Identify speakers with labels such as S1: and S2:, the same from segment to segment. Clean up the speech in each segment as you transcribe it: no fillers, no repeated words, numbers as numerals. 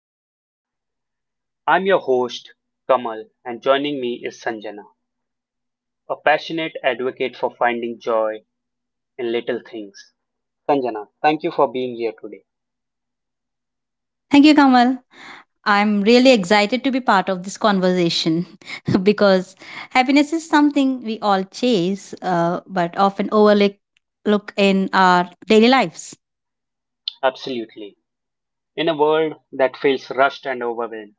S1: triggers. I'm your host, Kamal, and joining me is Sanjana, a passionate advocate for finding joy in little things. Sanjana, thank you for being here today.
S2: Thank you, Kamal. I'm really excited to be part of this conversation because happiness is something we all chase but often overlook look in our daily lives.
S1: Absolutely. In a world that feels rushed and overwhelmed,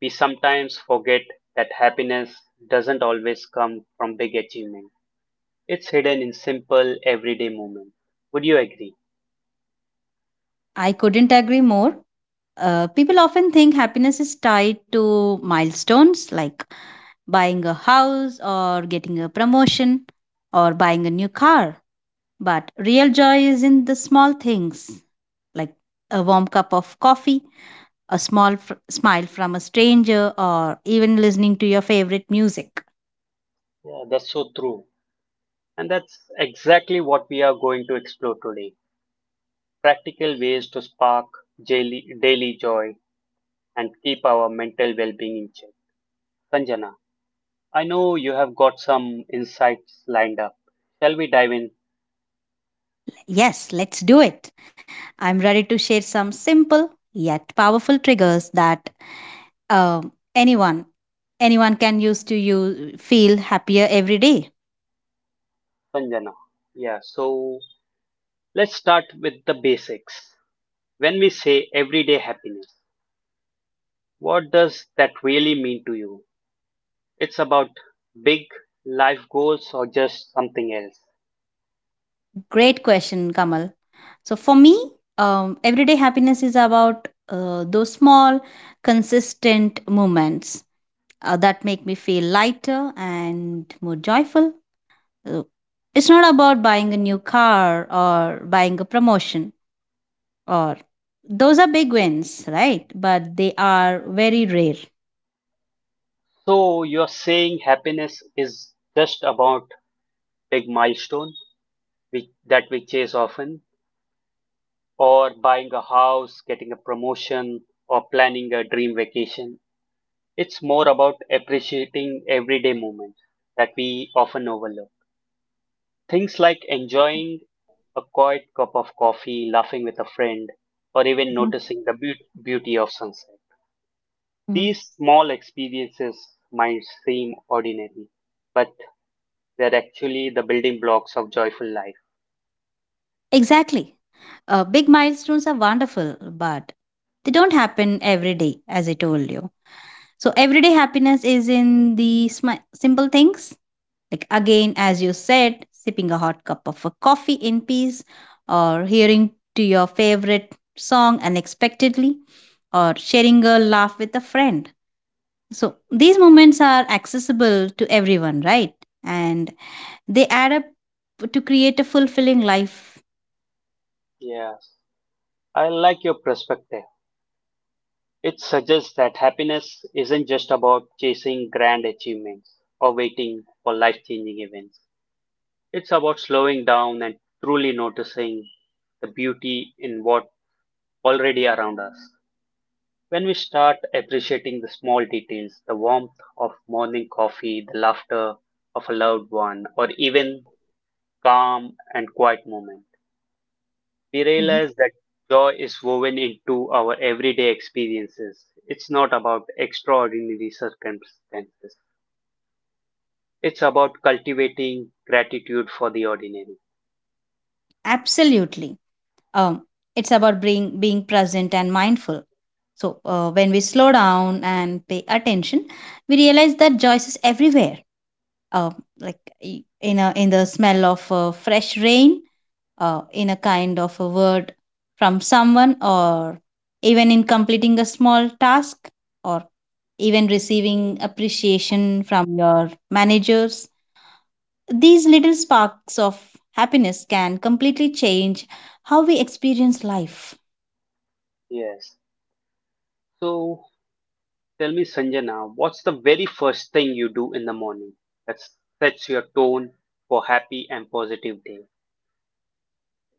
S1: we sometimes forget that happiness doesn't always come from big achievement. It's hidden in simple, everyday moments. Would you agree?
S2: I couldn't agree more. People often think happiness is tied to milestones like buying a house or getting a promotion or buying a new car. But real joy is in the small things like a warm cup of coffee, a small smile from a stranger, or even listening to your favorite music.
S1: Yeah, that's so true. And that's exactly what we are going to explore today, practical ways to spark daily joy and keep our mental well being in check. Sanjana, I know you have got some insights lined up. Shall we dive in,
S2: Yes, let's do it. I'm ready to share some simple yet powerful triggers that um anyone anyone can use to you feel happier every day.
S1: Sanjana? Yeah, so let's start with the basics. When we say everyday happiness, what does that really mean to you? It's about big life goals or just something else?
S2: Great question, Kamal. So for me, everyday happiness is about those small, consistent moments that make me feel lighter and more joyful. Uh, It's not about buying a new car or buying a promotion, or those are big wins, right? But they are very rare.
S1: So you're saying happiness is just about big milestone that we chase often, or buying a house, getting a promotion, or planning a dream vacation. It's more about appreciating everyday moments that we often overlook. Things like enjoying a quiet cup of coffee, laughing with a friend, or even
S2: Mhm.
S1: noticing the beauty of sunset.
S2: Mhm.
S1: These small experiences might seem ordinary, but they're actually the building blocks of joyful life.
S2: Exactly. Big milestones are wonderful, but they don't happen every day, as I told you. So, everyday happiness is in the simple things. Like again, as you said, sipping a hot cup of a coffee in peace, or hearing to your favorite song unexpectedly, or sharing a laugh with a friend. So these moments are accessible to everyone, right? And they add up to create a fulfilling life.
S1: Yes, I like your perspective. It suggests that happiness isn't just about chasing grand achievements or waiting for life changing events. It's about slowing down and truly noticing the beauty in what already around us. When we start appreciating the small details, the warmth of morning coffee, the laughter of a loved one, or even calm and quiet moments, we
S2: Mhm.
S1: realize that joy is woven into our everyday experiences. It's not about extraordinary circumstances, it's about cultivating gratitude for the ordinary.
S2: Absolutely. Um, it's about being present and mindful. So when we slow down and pay attention, we realize that joy is everywhere, uh, like in a in the smell of fresh rain, in a kind of a word from someone, or even in completing a small task, or even receiving appreciation from your managers. These little sparks of happiness can completely change how we experience life.
S1: Yes. So tell me, Sanjana, what's the very first thing you do in the morning that sets your tone for happy and positive day?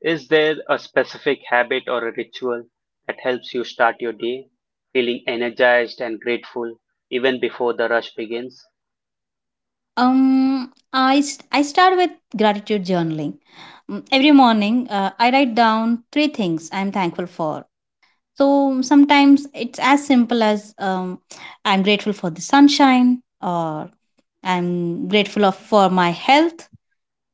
S1: Is there a specific habit or a ritual that helps you start your day feeling energized and grateful even before the rush begins?
S2: I I start with gratitude journaling. Every morning, I write down three things I'm thankful for. So sometimes it's as simple as I'm grateful for the sunshine, or I'm grateful for my health.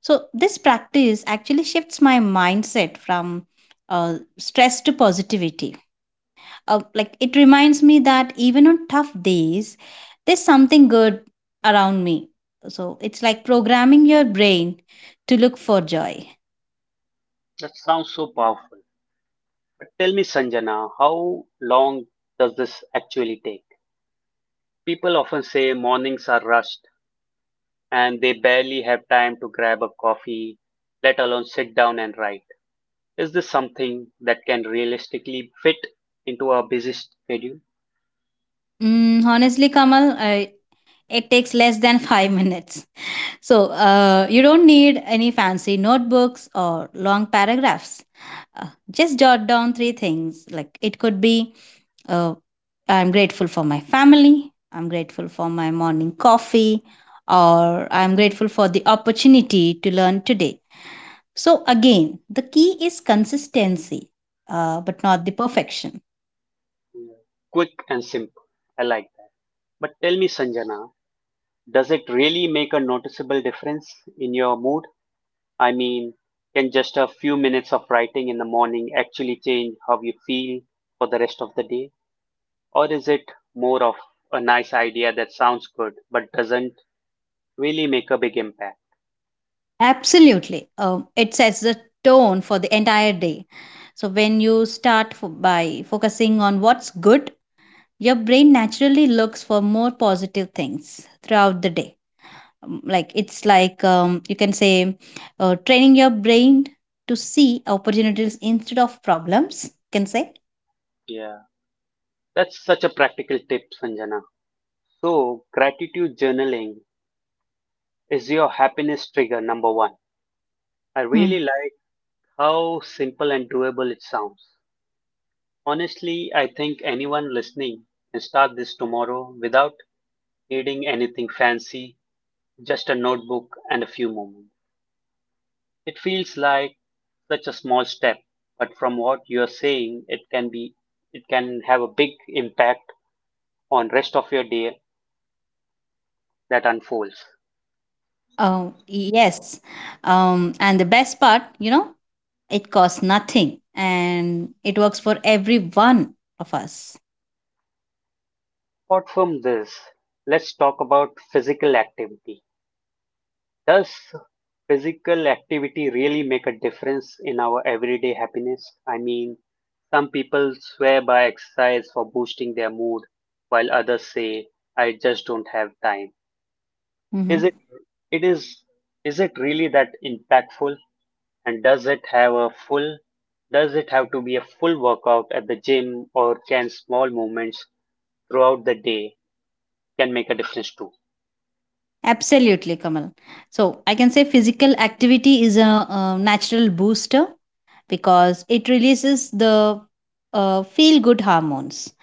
S2: So this practice actually shifts my mindset from stress to positivity. Like, it reminds me that even on tough days, there's something good around me. So it's like programming your brain to look for joy.
S1: That sounds so powerful. Tell me, Sanjana, how long does this actually take? People often say mornings are rushed and they barely have time to grab a coffee, let alone sit down and write. Is this something that can realistically fit into our busy schedule?
S2: Mm, honestly, Kamal, it takes less than 5 minutes. So you don't need any fancy notebooks or long paragraphs. Just jot down three things. Like, it could be uh, I'm grateful for my family, I'm grateful for my morning coffee, or I'm grateful for the opportunity to learn today. So, again, the key is consistency, but not the perfection.
S1: Yeah. Quick and simple. I like that. But tell me, Sanjana, does it really make a noticeable difference in your mood? I mean, can just a few minutes of writing in the morning actually change how you feel for the rest of the day? Or is it more of a nice idea that sounds good but doesn't really make a big impact?
S2: Absolutely. It sets the tone for the entire day. So, when you start by focusing on what's good, your brain naturally looks for more positive things throughout the day. Like it's like You can say training your brain to see opportunities instead of problems, you can say.
S1: Yeah, that's such a practical tip, Sanjana. So, gratitude journaling is your happiness trigger number one. I
S2: Hmm.
S1: really like how simple and doable it sounds. Honestly, I think anyone listening can start this tomorrow without needing anything fancy, just a notebook and a few moments. It feels like such a small step, but from what you're saying, it can have a big impact on rest of your day that unfolds.
S2: Oh, yes. And the best part, it costs nothing and it works for every one of us.
S1: Apart from this, let's talk about physical activity. Does physical activity really make a difference in our everyday happiness? I mean, some people swear by exercise for boosting their mood, while others say, I just don't have time.
S2: Mhm.
S1: Is it it is is it really that impactful? And does it have to be a full workout at the gym, or can small movements throughout the day can make a difference too?
S2: Absolutely, Kamal. So I can say physical activity is a natural booster, because it releases the feel good hormones.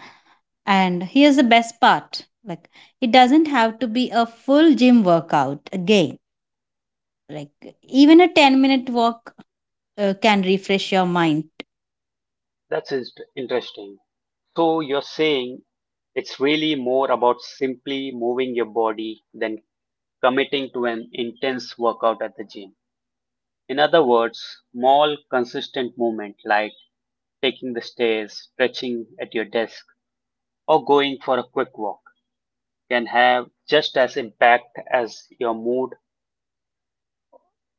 S2: And here's the best part, like, it doesn't have to be a full gym workout again. Like, even a 10-minute walk can refresh your mind.
S1: That's interesting. So you're saying it's really more about simply moving your body than committing to an intense workout at the gym. In other words, small consistent movement like taking the stairs, stretching at your desk, or going for a quick walk can have just as impact as your mood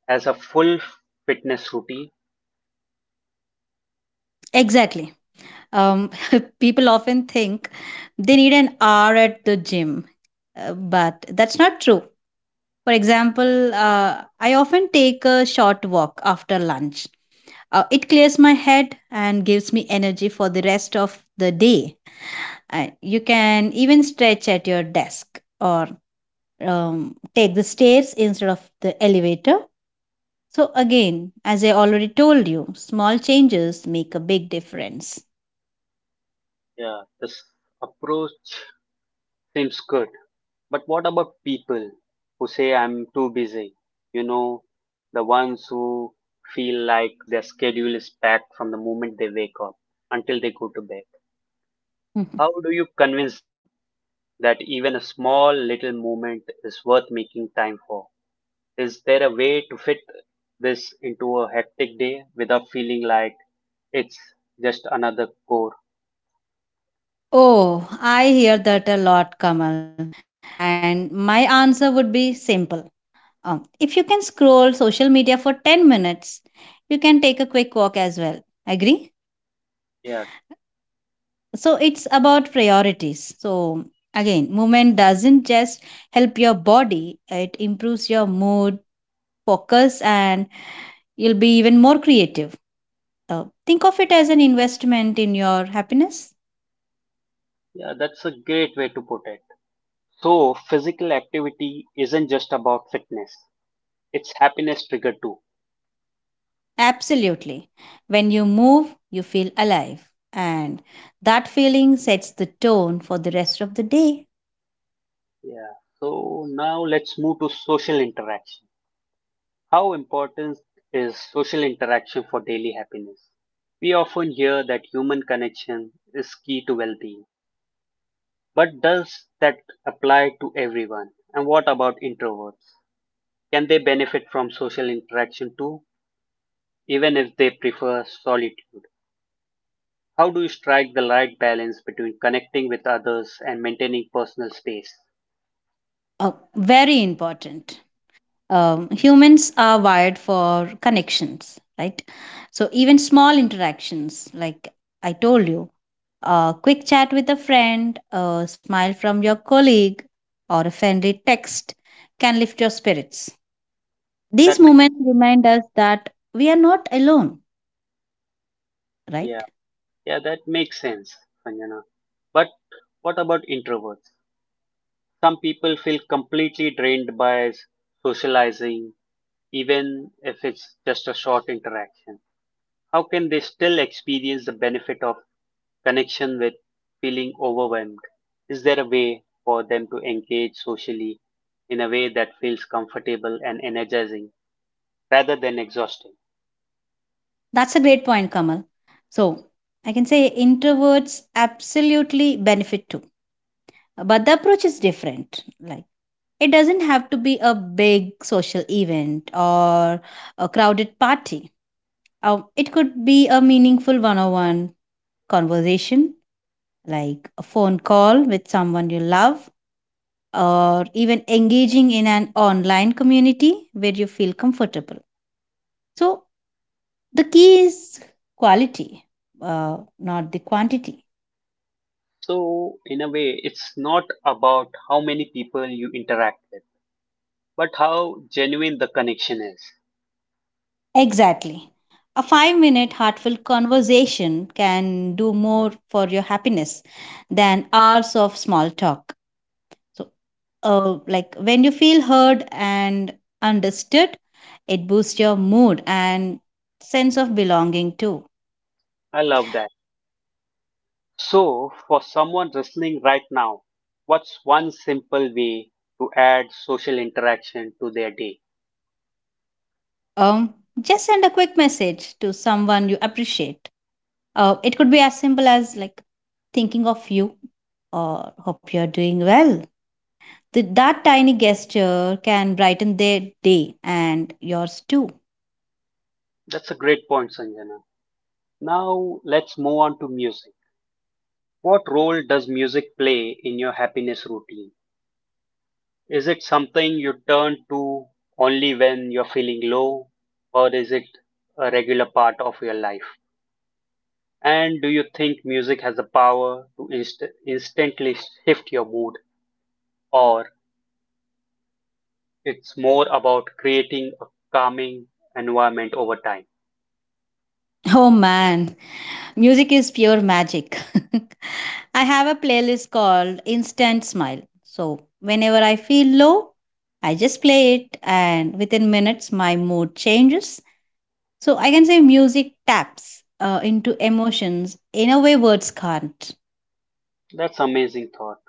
S1: as a full fitness routine.
S2: Exactly. Um, People often think they need an hour at the gym, but that's not true. For example, I often take a short walk after lunch. It clears my head and gives me energy for the rest of the day. You can even stretch at your desk, or take the stairs instead of the elevator. So, again, as I already told you, small changes make a big difference.
S1: Yeah, this approach seems good. But what about people who say I'm too busy? You know, the ones who feel like their schedule is packed from the moment they wake up until they go to bed.
S2: Mhm.
S1: How do you convince them that even a small little moment is worth making time for? Is there a way to fit this into a hectic day without feeling like it's just another core?
S2: Oh, I hear that a lot, Kamal. And my answer would be simple. If you can scroll social media for 10 minutes, you can take a quick walk as well. Agree?
S1: Yeah,
S2: So it's about priorities. So again, movement doesn't just help your body, it improves your mood, focus, and you'll be even more creative. Think of it as an investment in your happiness.
S1: yeah, that's a great way to put it. So, physical activity isn't just about fitness, it's happiness trigger too.
S2: Absolutely. When you move, you feel alive. And that feeling sets the tone for the rest of the day.
S1: Yeah. So, now let's move to social interaction. How important is social interaction for daily happiness? We often hear that human connection is key to well being, but does that apply to everyone? And what about introverts? Can they benefit from social interaction too, even if they prefer solitude? How do you strike the right balance between connecting with others and maintaining personal space?
S2: Very important. Humans are wired for connections, right? So even small interactions, like I told you, a quick chat with a friend, a smile from your colleague, or a friendly text can lift your spirits. These
S1: That makes
S2: moments remind us that we are not alone,
S1: yeah,
S2: right?
S1: yeah, that makes sense, Sanjana. But what about introverts? Some people feel completely drained by socializing, even if it's just a short interaction. How can they still experience the benefit of connection with feeling overwhelmed? Is there a way for them to engage socially in a way that feels comfortable and energizing rather than exhausting?
S2: That's a great point, Kamal. So I can say introverts absolutely benefit too, but the approach is different. Like, it doesn't have to be a big social event or a crowded party. It could be a meaningful one on one conversation, like a phone call with someone you love, or even engaging in an online community where you feel comfortable. So, the key is quality, not the quantity.
S1: So, in a way, it's not about how many people you interact with, but how genuine the connection is.
S2: Exactly. A 5 minute heartfelt conversation can do more for your happiness than hours of small talk. So, like, when you feel heard and understood, it boosts your mood and sense of belonging too.
S1: I love that. So, for someone listening right now, what's one simple way to add social interaction to their day?
S2: Um, just send a quick message to someone you appreciate. It could be as simple as, like, thinking of you, or hope you're doing well. That tiny gesture can brighten their day and yours too.
S1: That's a great point, Sanjana. Now, let's move on to music. What role does music play in your happiness routine? Is it something you turn to only when you're feeling low, or is it a regular part of your life? And do you think music has the power to instantly shift your mood, or it's more about creating a calming environment over time?
S2: Oh man, music is pure magic. I have a playlist called Instant Smile. So whenever I feel low, I just play it, and within minutes my mood changes. So I can say music taps into emotions in a way words can't.
S1: That's amazing thought.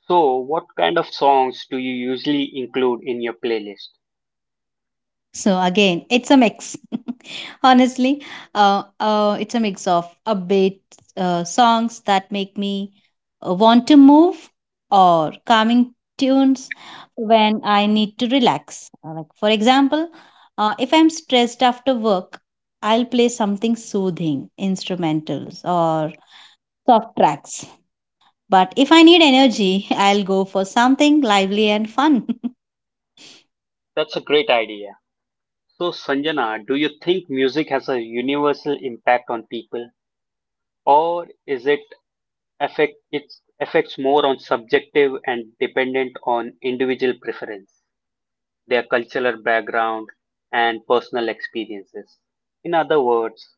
S1: So, what kind of songs do you usually include in your playlist?
S2: So again, it's a mix. Honestly, it's a mix of upbeat songs that make me want to move, or calming tunes when I need to relax. Like, for example, if I'm stressed after work, I'll play something soothing, instrumentals or soft tracks. But if I need energy, I'll go for something lively and fun.
S1: That's a great idea. So, Sanjana, do you think music has a universal impact on people, or is it affect it affects more on subjective and dependent on individual preference, their cultural background, and personal experiences? In other words,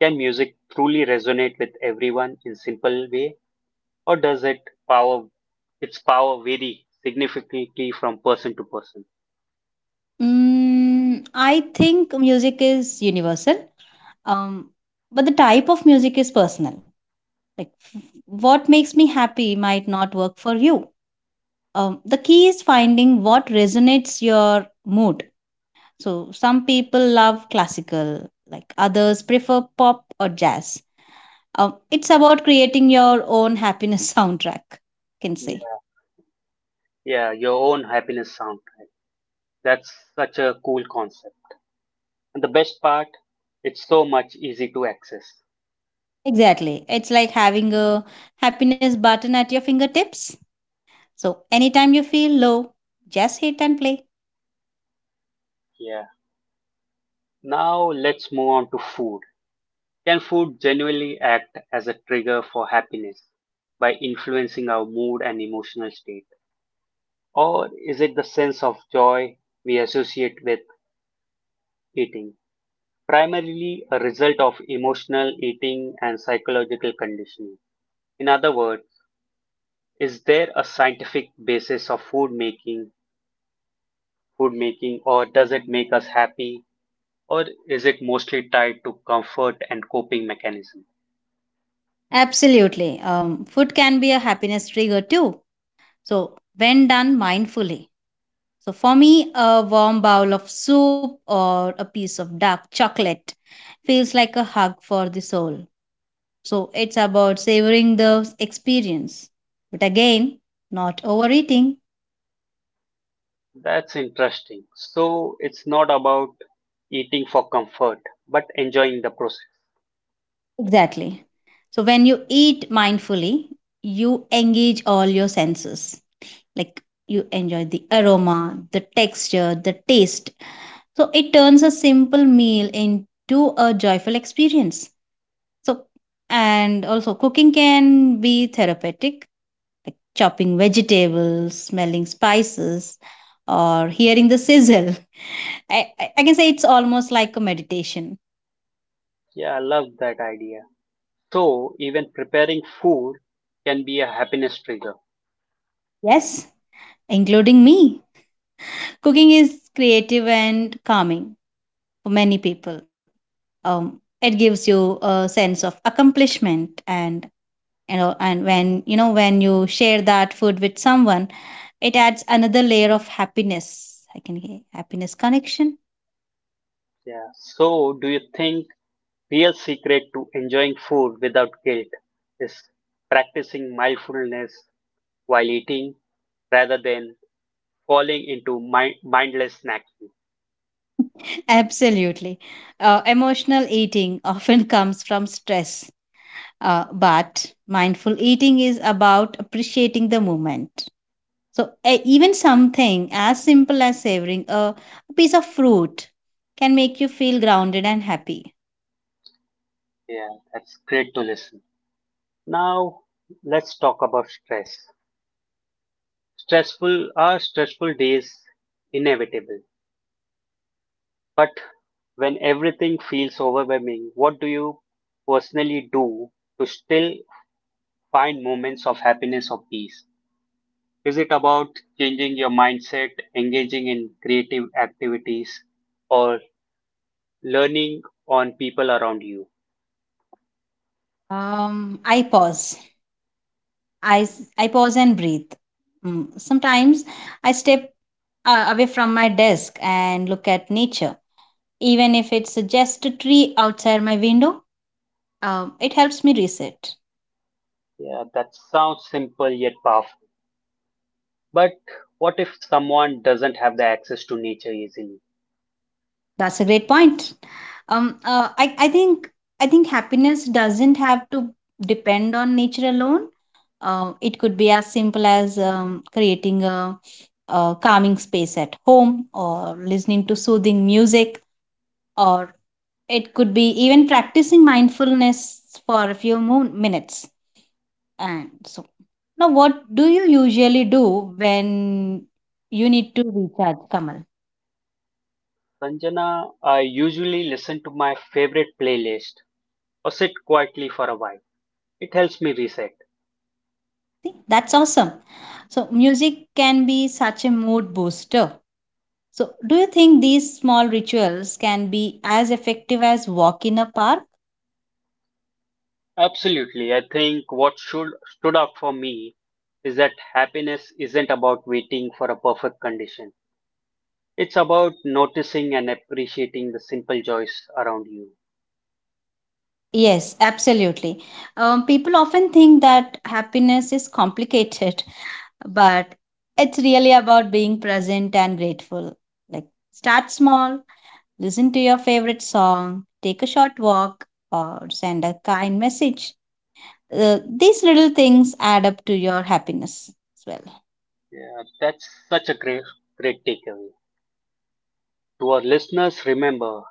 S1: can music truly resonate with everyone in simple way, or does it power its power vary significantly from person to person?
S2: Mm, I think music is universal, um, but the type of music is personal. Like, what makes me happy might not work for you. The key is finding what resonates your mood. So some people love classical, like others prefer pop or jazz. It's about creating your own happiness soundtrack, you can say.
S1: Yeah. Yeah, your own happiness soundtrack. That's such a cool concept. And the best part, it's so much easy to access.
S2: Exactly. It's like having a happiness button at your fingertips. So anytime you feel low, just hit and play.
S1: Yeah. Now let's move on to food. Can food genuinely act as a trigger for happiness by influencing our mood and emotional state? Or is it the sense of joy we associate with eating, primarily a result of emotional eating and psychological conditioning? In other words, is there a scientific basis of food making, or does it make us happy, or is it mostly tied to comfort and coping mechanism?
S2: Absolutely. Food can be a happiness trigger too. So, when done mindfully. So, for me, a warm bowl of soup or a piece of dark chocolate feels like a hug for the soul. So, it's about savoring the experience. But again, not overeating.
S1: That's interesting. So it's not about eating for comfort, but enjoying the process.
S2: Exactly. So, when you eat mindfully, you engage all your senses. Like, you enjoy the aroma, the texture, the taste. So it turns a simple meal into a joyful experience. So, and also cooking can be therapeutic, like chopping vegetables, smelling spices, or hearing the sizzle. I can say it's almost like a meditation.
S1: Yeah, I love that idea. So even preparing food can be a happiness trigger.
S2: Yes, including me, cooking is creative and calming for many people. It gives you a sense of accomplishment, and when when you share that food with someone, it adds another layer of happiness. I can hear happiness connection.
S1: Yeah. So do you think real secret to enjoying food without guilt is practicing mindfulness while eating rather than falling into mindless snacking?
S2: Absolutely. Emotional eating often comes from stress, but mindful eating is about appreciating the moment. So even something as simple as savoring a piece of fruit can make you feel grounded and happy.
S1: Yeah, that's great to listen. Now let's talk about stress. Stressful days inevitable, but when everything feels overwhelming, what do you personally do to still find moments of happiness or peace? Is it about changing your mindset, engaging in creative activities, or learning on people around you?
S2: I pause. I pause and breathe. Sometimes I step away from my desk and look at nature. Even if it's just a tree outside my window, it helps me reset.
S1: Yeah, that sounds simple yet powerful. But what if someone doesn't have the access to nature easily?
S2: That's a great point. Um, uh, I, I think I think happiness doesn't have to depend on nature alone. It could be as simple as creating a calming space at home, or listening to soothing music, or it could be even practicing mindfulness for a few more minutes. And so, now what do you usually do when you need to recharge, Kamal?
S1: Sanjana, I usually listen to my favorite playlist or sit quietly for a while. It helps me reset.
S2: See, that's awesome. So, music can be such a mood booster. So, do you think these small rituals can be as effective as walk in a park?
S1: Absolutely. I think what should stood out for me is that happiness isn't about waiting for a perfect condition. It's about noticing and appreciating the simple joys around you.
S2: Yes, absolutely. People often think that happiness is complicated, but it's really about being present and grateful. Like, start small, listen to your favorite song, take a short walk, or send a kind message. These little things add up to your happiness as well.
S1: Yeah, that's such a great takeaway. To our listeners, remember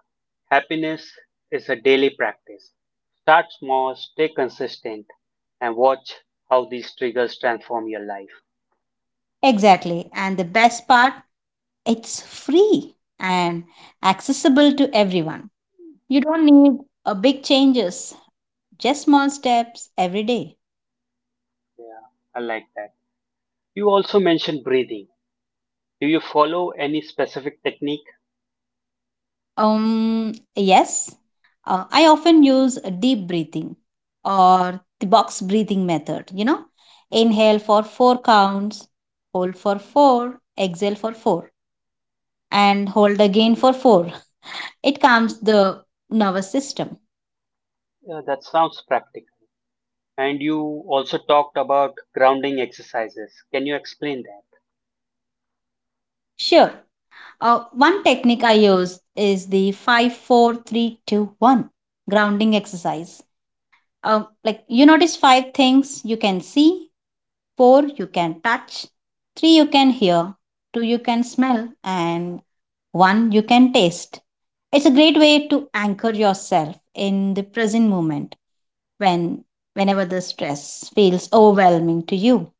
S1: happiness is a daily practice. Start small, stay consistent, and watch how these triggers transform your life.
S2: Exactly. And the best part, it's free and accessible to everyone. You don't need a big changes, just small steps every day.
S1: Yeah, I like that. You also mentioned breathing. Do you follow any specific technique?
S2: Yes, I often use a deep breathing or the box breathing method. You know, inhale for four counts, hold for four, exhale for four, and hold again for four. It calms the nervous system.
S1: That sounds practical. And you also talked about grounding exercises. Can you explain that?
S2: Sure. One technique I use is the five, four, three, two, one grounding exercise. Like you notice five things you can see, 4 you can touch, 3 you can hear, 2 you can smell, and 1 you can taste. It's a great way to anchor yourself in the present moment when whenever the stress feels overwhelming to you.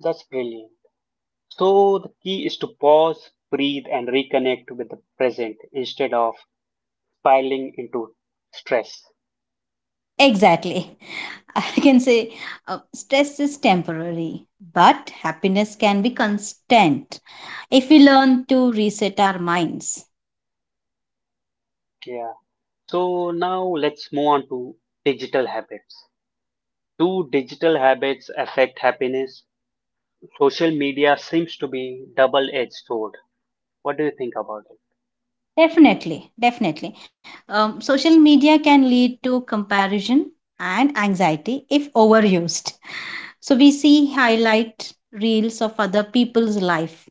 S1: That's brilliant. So, the key is to pause, breathe, and reconnect with the present instead of spiraling into stress.
S2: Exactly. I can say stress is temporary, but happiness can be constant if we learn to reset our minds.
S1: Yeah. So, now let's move on to digital habits. Do digital habits affect happiness? Social media seems to be double edged sword. What do you think about it?
S2: Definitely. Social media can lead to comparison and anxiety if overused. So we see highlight reels of other people's life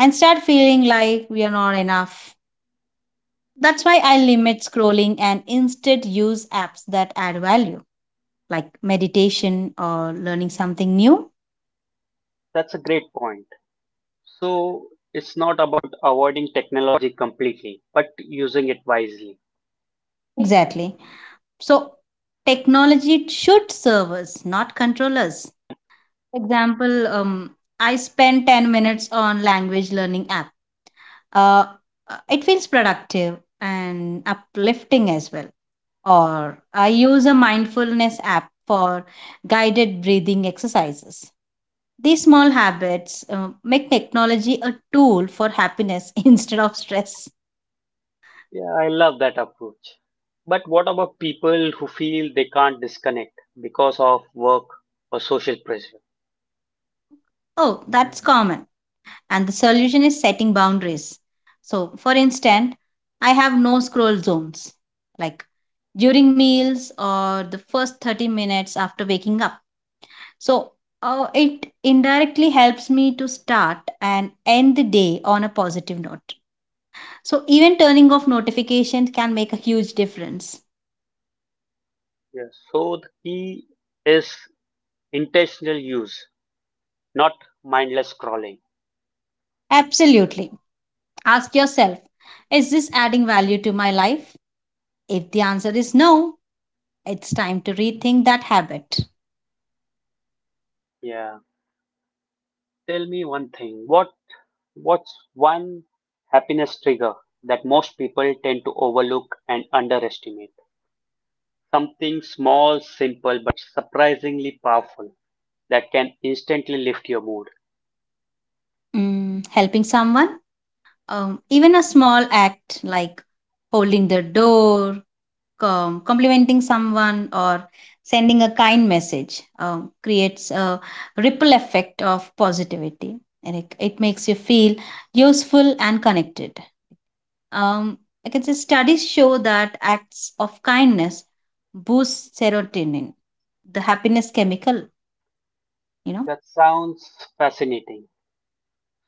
S2: and start feeling like we are not enough. That's why I limit scrolling and instead use apps that add value, like meditation or learning something new.
S1: That's a great point. So it's not about avoiding technology completely, but using it wisely.
S2: Exactly. So technology should serve us, not control us. Example, I spend 10 minutes on language learning app. Uh, it feels productive and uplifting as well. Or I use a mindfulness app for guided breathing exercises. These small habits make technology a tool for happiness instead of stress.
S1: Yeah, I love that approach. But what about people who feel they can't disconnect because of work or social pressure?
S2: Oh, that's common. And the solution is setting boundaries. So, for instance, I have no scroll zones. Like during meals or the first 30 minutes after waking up. So it indirectly helps me to start and end the day on a positive note. So even turning off notifications can make a huge difference.
S1: Yes. So the key is intentional use, not mindless scrolling.
S2: Absolutely. Ask yourself, is this adding value to my life? If the answer is no, it's time to rethink that habit.
S1: Yeah. Tell me one thing. What's one happiness trigger that most people tend to overlook and underestimate? Something small, simple, but surprisingly powerful that can instantly lift your mood.
S2: Mm, helping someone, even a small act like holding the door, complimenting someone, or sending a kind message creates a ripple effect of positivity, and it makes you feel useful and connected. um, I can say studies show that acts of kindness boost serotonin, the happiness chemical you know
S1: That sounds fascinating.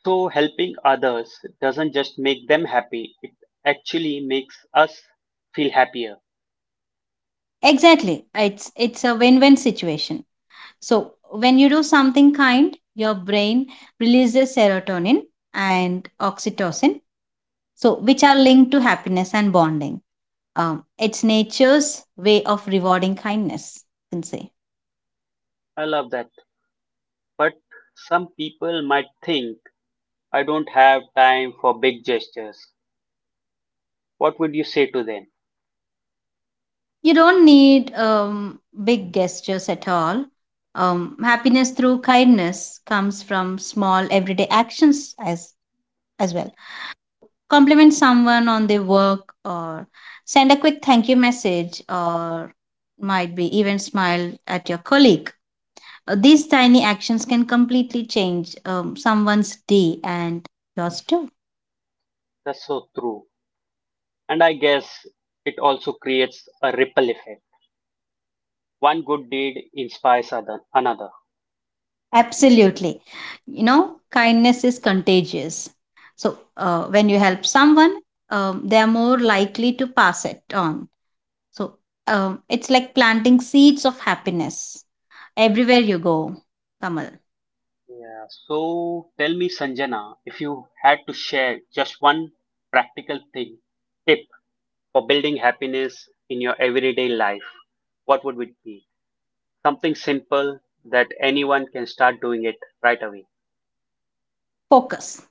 S1: So, helping others doesn't just make them happy, it actually makes us feel happier.
S2: exactly. It's a win-win situation. So when you do something kind, your brain releases serotonin and oxytocin, so which are linked to happiness and bonding. It's nature's way of rewarding kindness, you can say.
S1: I love that. But some people might think, I don't have time for big gestures. What would you say to them?
S2: You don't need big gestures at all. Happiness through kindness comes from small everyday actions as well. Compliment someone on their work, or send a quick thank you message, or might be even smile at your colleague. These tiny actions can completely change someone's day, and yours too.
S1: That's so true. And I guess it also creates a ripple effect. One good deed inspires other, another.
S2: Absolutely. You know, kindness is contagious. So, when you help someone, they are more likely to pass it on. So, it's like planting seeds of happiness everywhere you go. Kamal,
S1: Yeah, so tell me, Sanjana, if you had to share just one practical thing, tip for building happiness in your everyday life, what would it be? Something simple that anyone can start doing it right away.
S2: focus.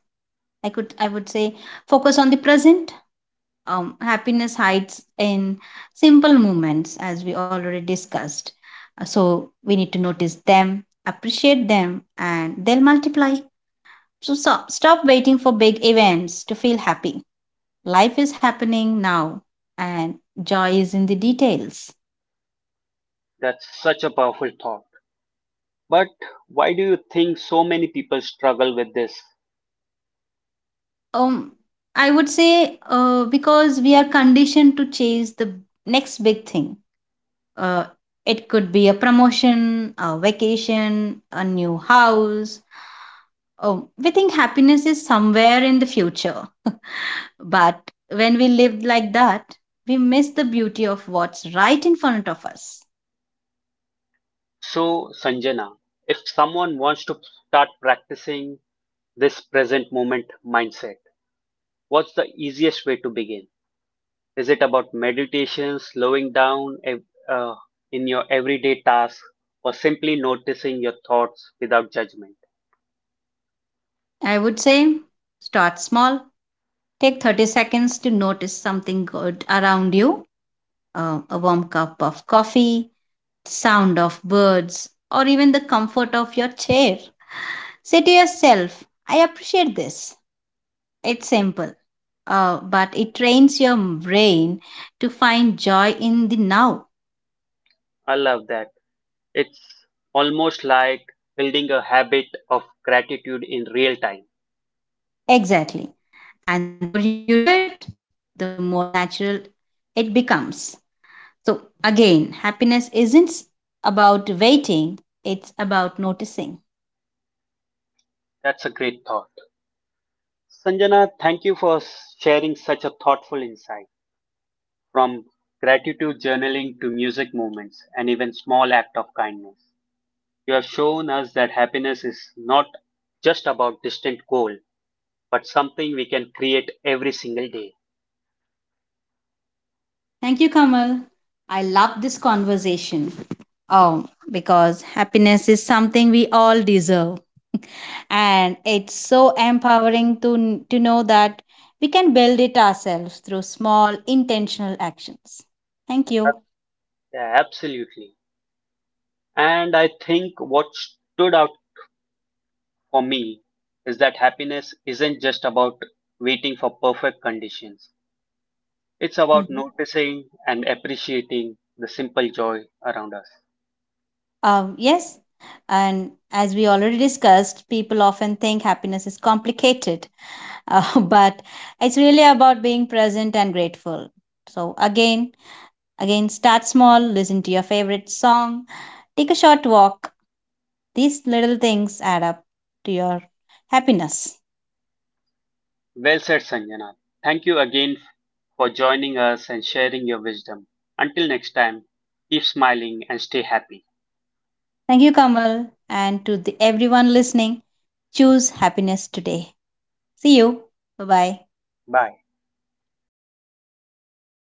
S2: I would say, focus on the present. Happiness hides in simple moments, as we already discussed. So we need to notice them, appreciate them, and they'll multiply. So stop waiting for big events to feel happy. Life is happening now, and joy is in the details.
S1: That's such a powerful thought. But why do you think so many people struggle with this?
S2: Um, I would say because we are conditioned to chase the next big thing. Uh, it could be a promotion, a vacation, a new house. Oh, we think happiness is somewhere in the future. But when we live like that, we miss the beauty of what's right in front of us.
S1: So, Sanjana, if someone wants to start practicing this present moment mindset, what's the easiest way to begin? Is it about meditation, slowing down uh, in your everyday task, or simply noticing your thoughts without judgment?
S2: I would say start small. Take 30 seconds to notice something good around you, a warm cup of coffee, sound of birds, or even the comfort of your chair. Say to yourself, I appreciate this. It's simple, but it trains your brain to find joy in the now.
S1: I love that. It's almost like building a habit of gratitude in real time.
S2: Exactly. And the more you do it, the more natural it becomes. So, again, happiness isn't about waiting, it's about noticing.
S1: That's a great thought. Sanjana, thank you for sharing such a thoughtful insight, from gratitude journaling to music movements and even small act of kindness. You have shown us that happiness is not just about distant goal, but something we can create every single day.
S2: Thank you, Kamal. I love this conversation. Oh, because happiness is something we all deserve. And it's so empowering to know that we can build it ourselves through small, intentional actions. Thank you.
S1: Absolutely. And I think what stood out for me is that happiness isn't just about waiting for perfect conditions. It's about
S2: Mhm.
S1: noticing and appreciating the simple joy around us.
S2: Yes, and as we already discussed, people often think happiness is complicated, but it's really about being present and grateful. So, again, Again, start small, listen to your favorite song, take a short walk. These little things add up to your happiness.
S1: Well said, Sanjana. Thank you again for joining us and sharing your wisdom. Until next time, keep smiling and stay happy.
S2: Thank you, Kamal, and to everyone listening. Choose happiness today. See you. Bye bye.
S1: Bye.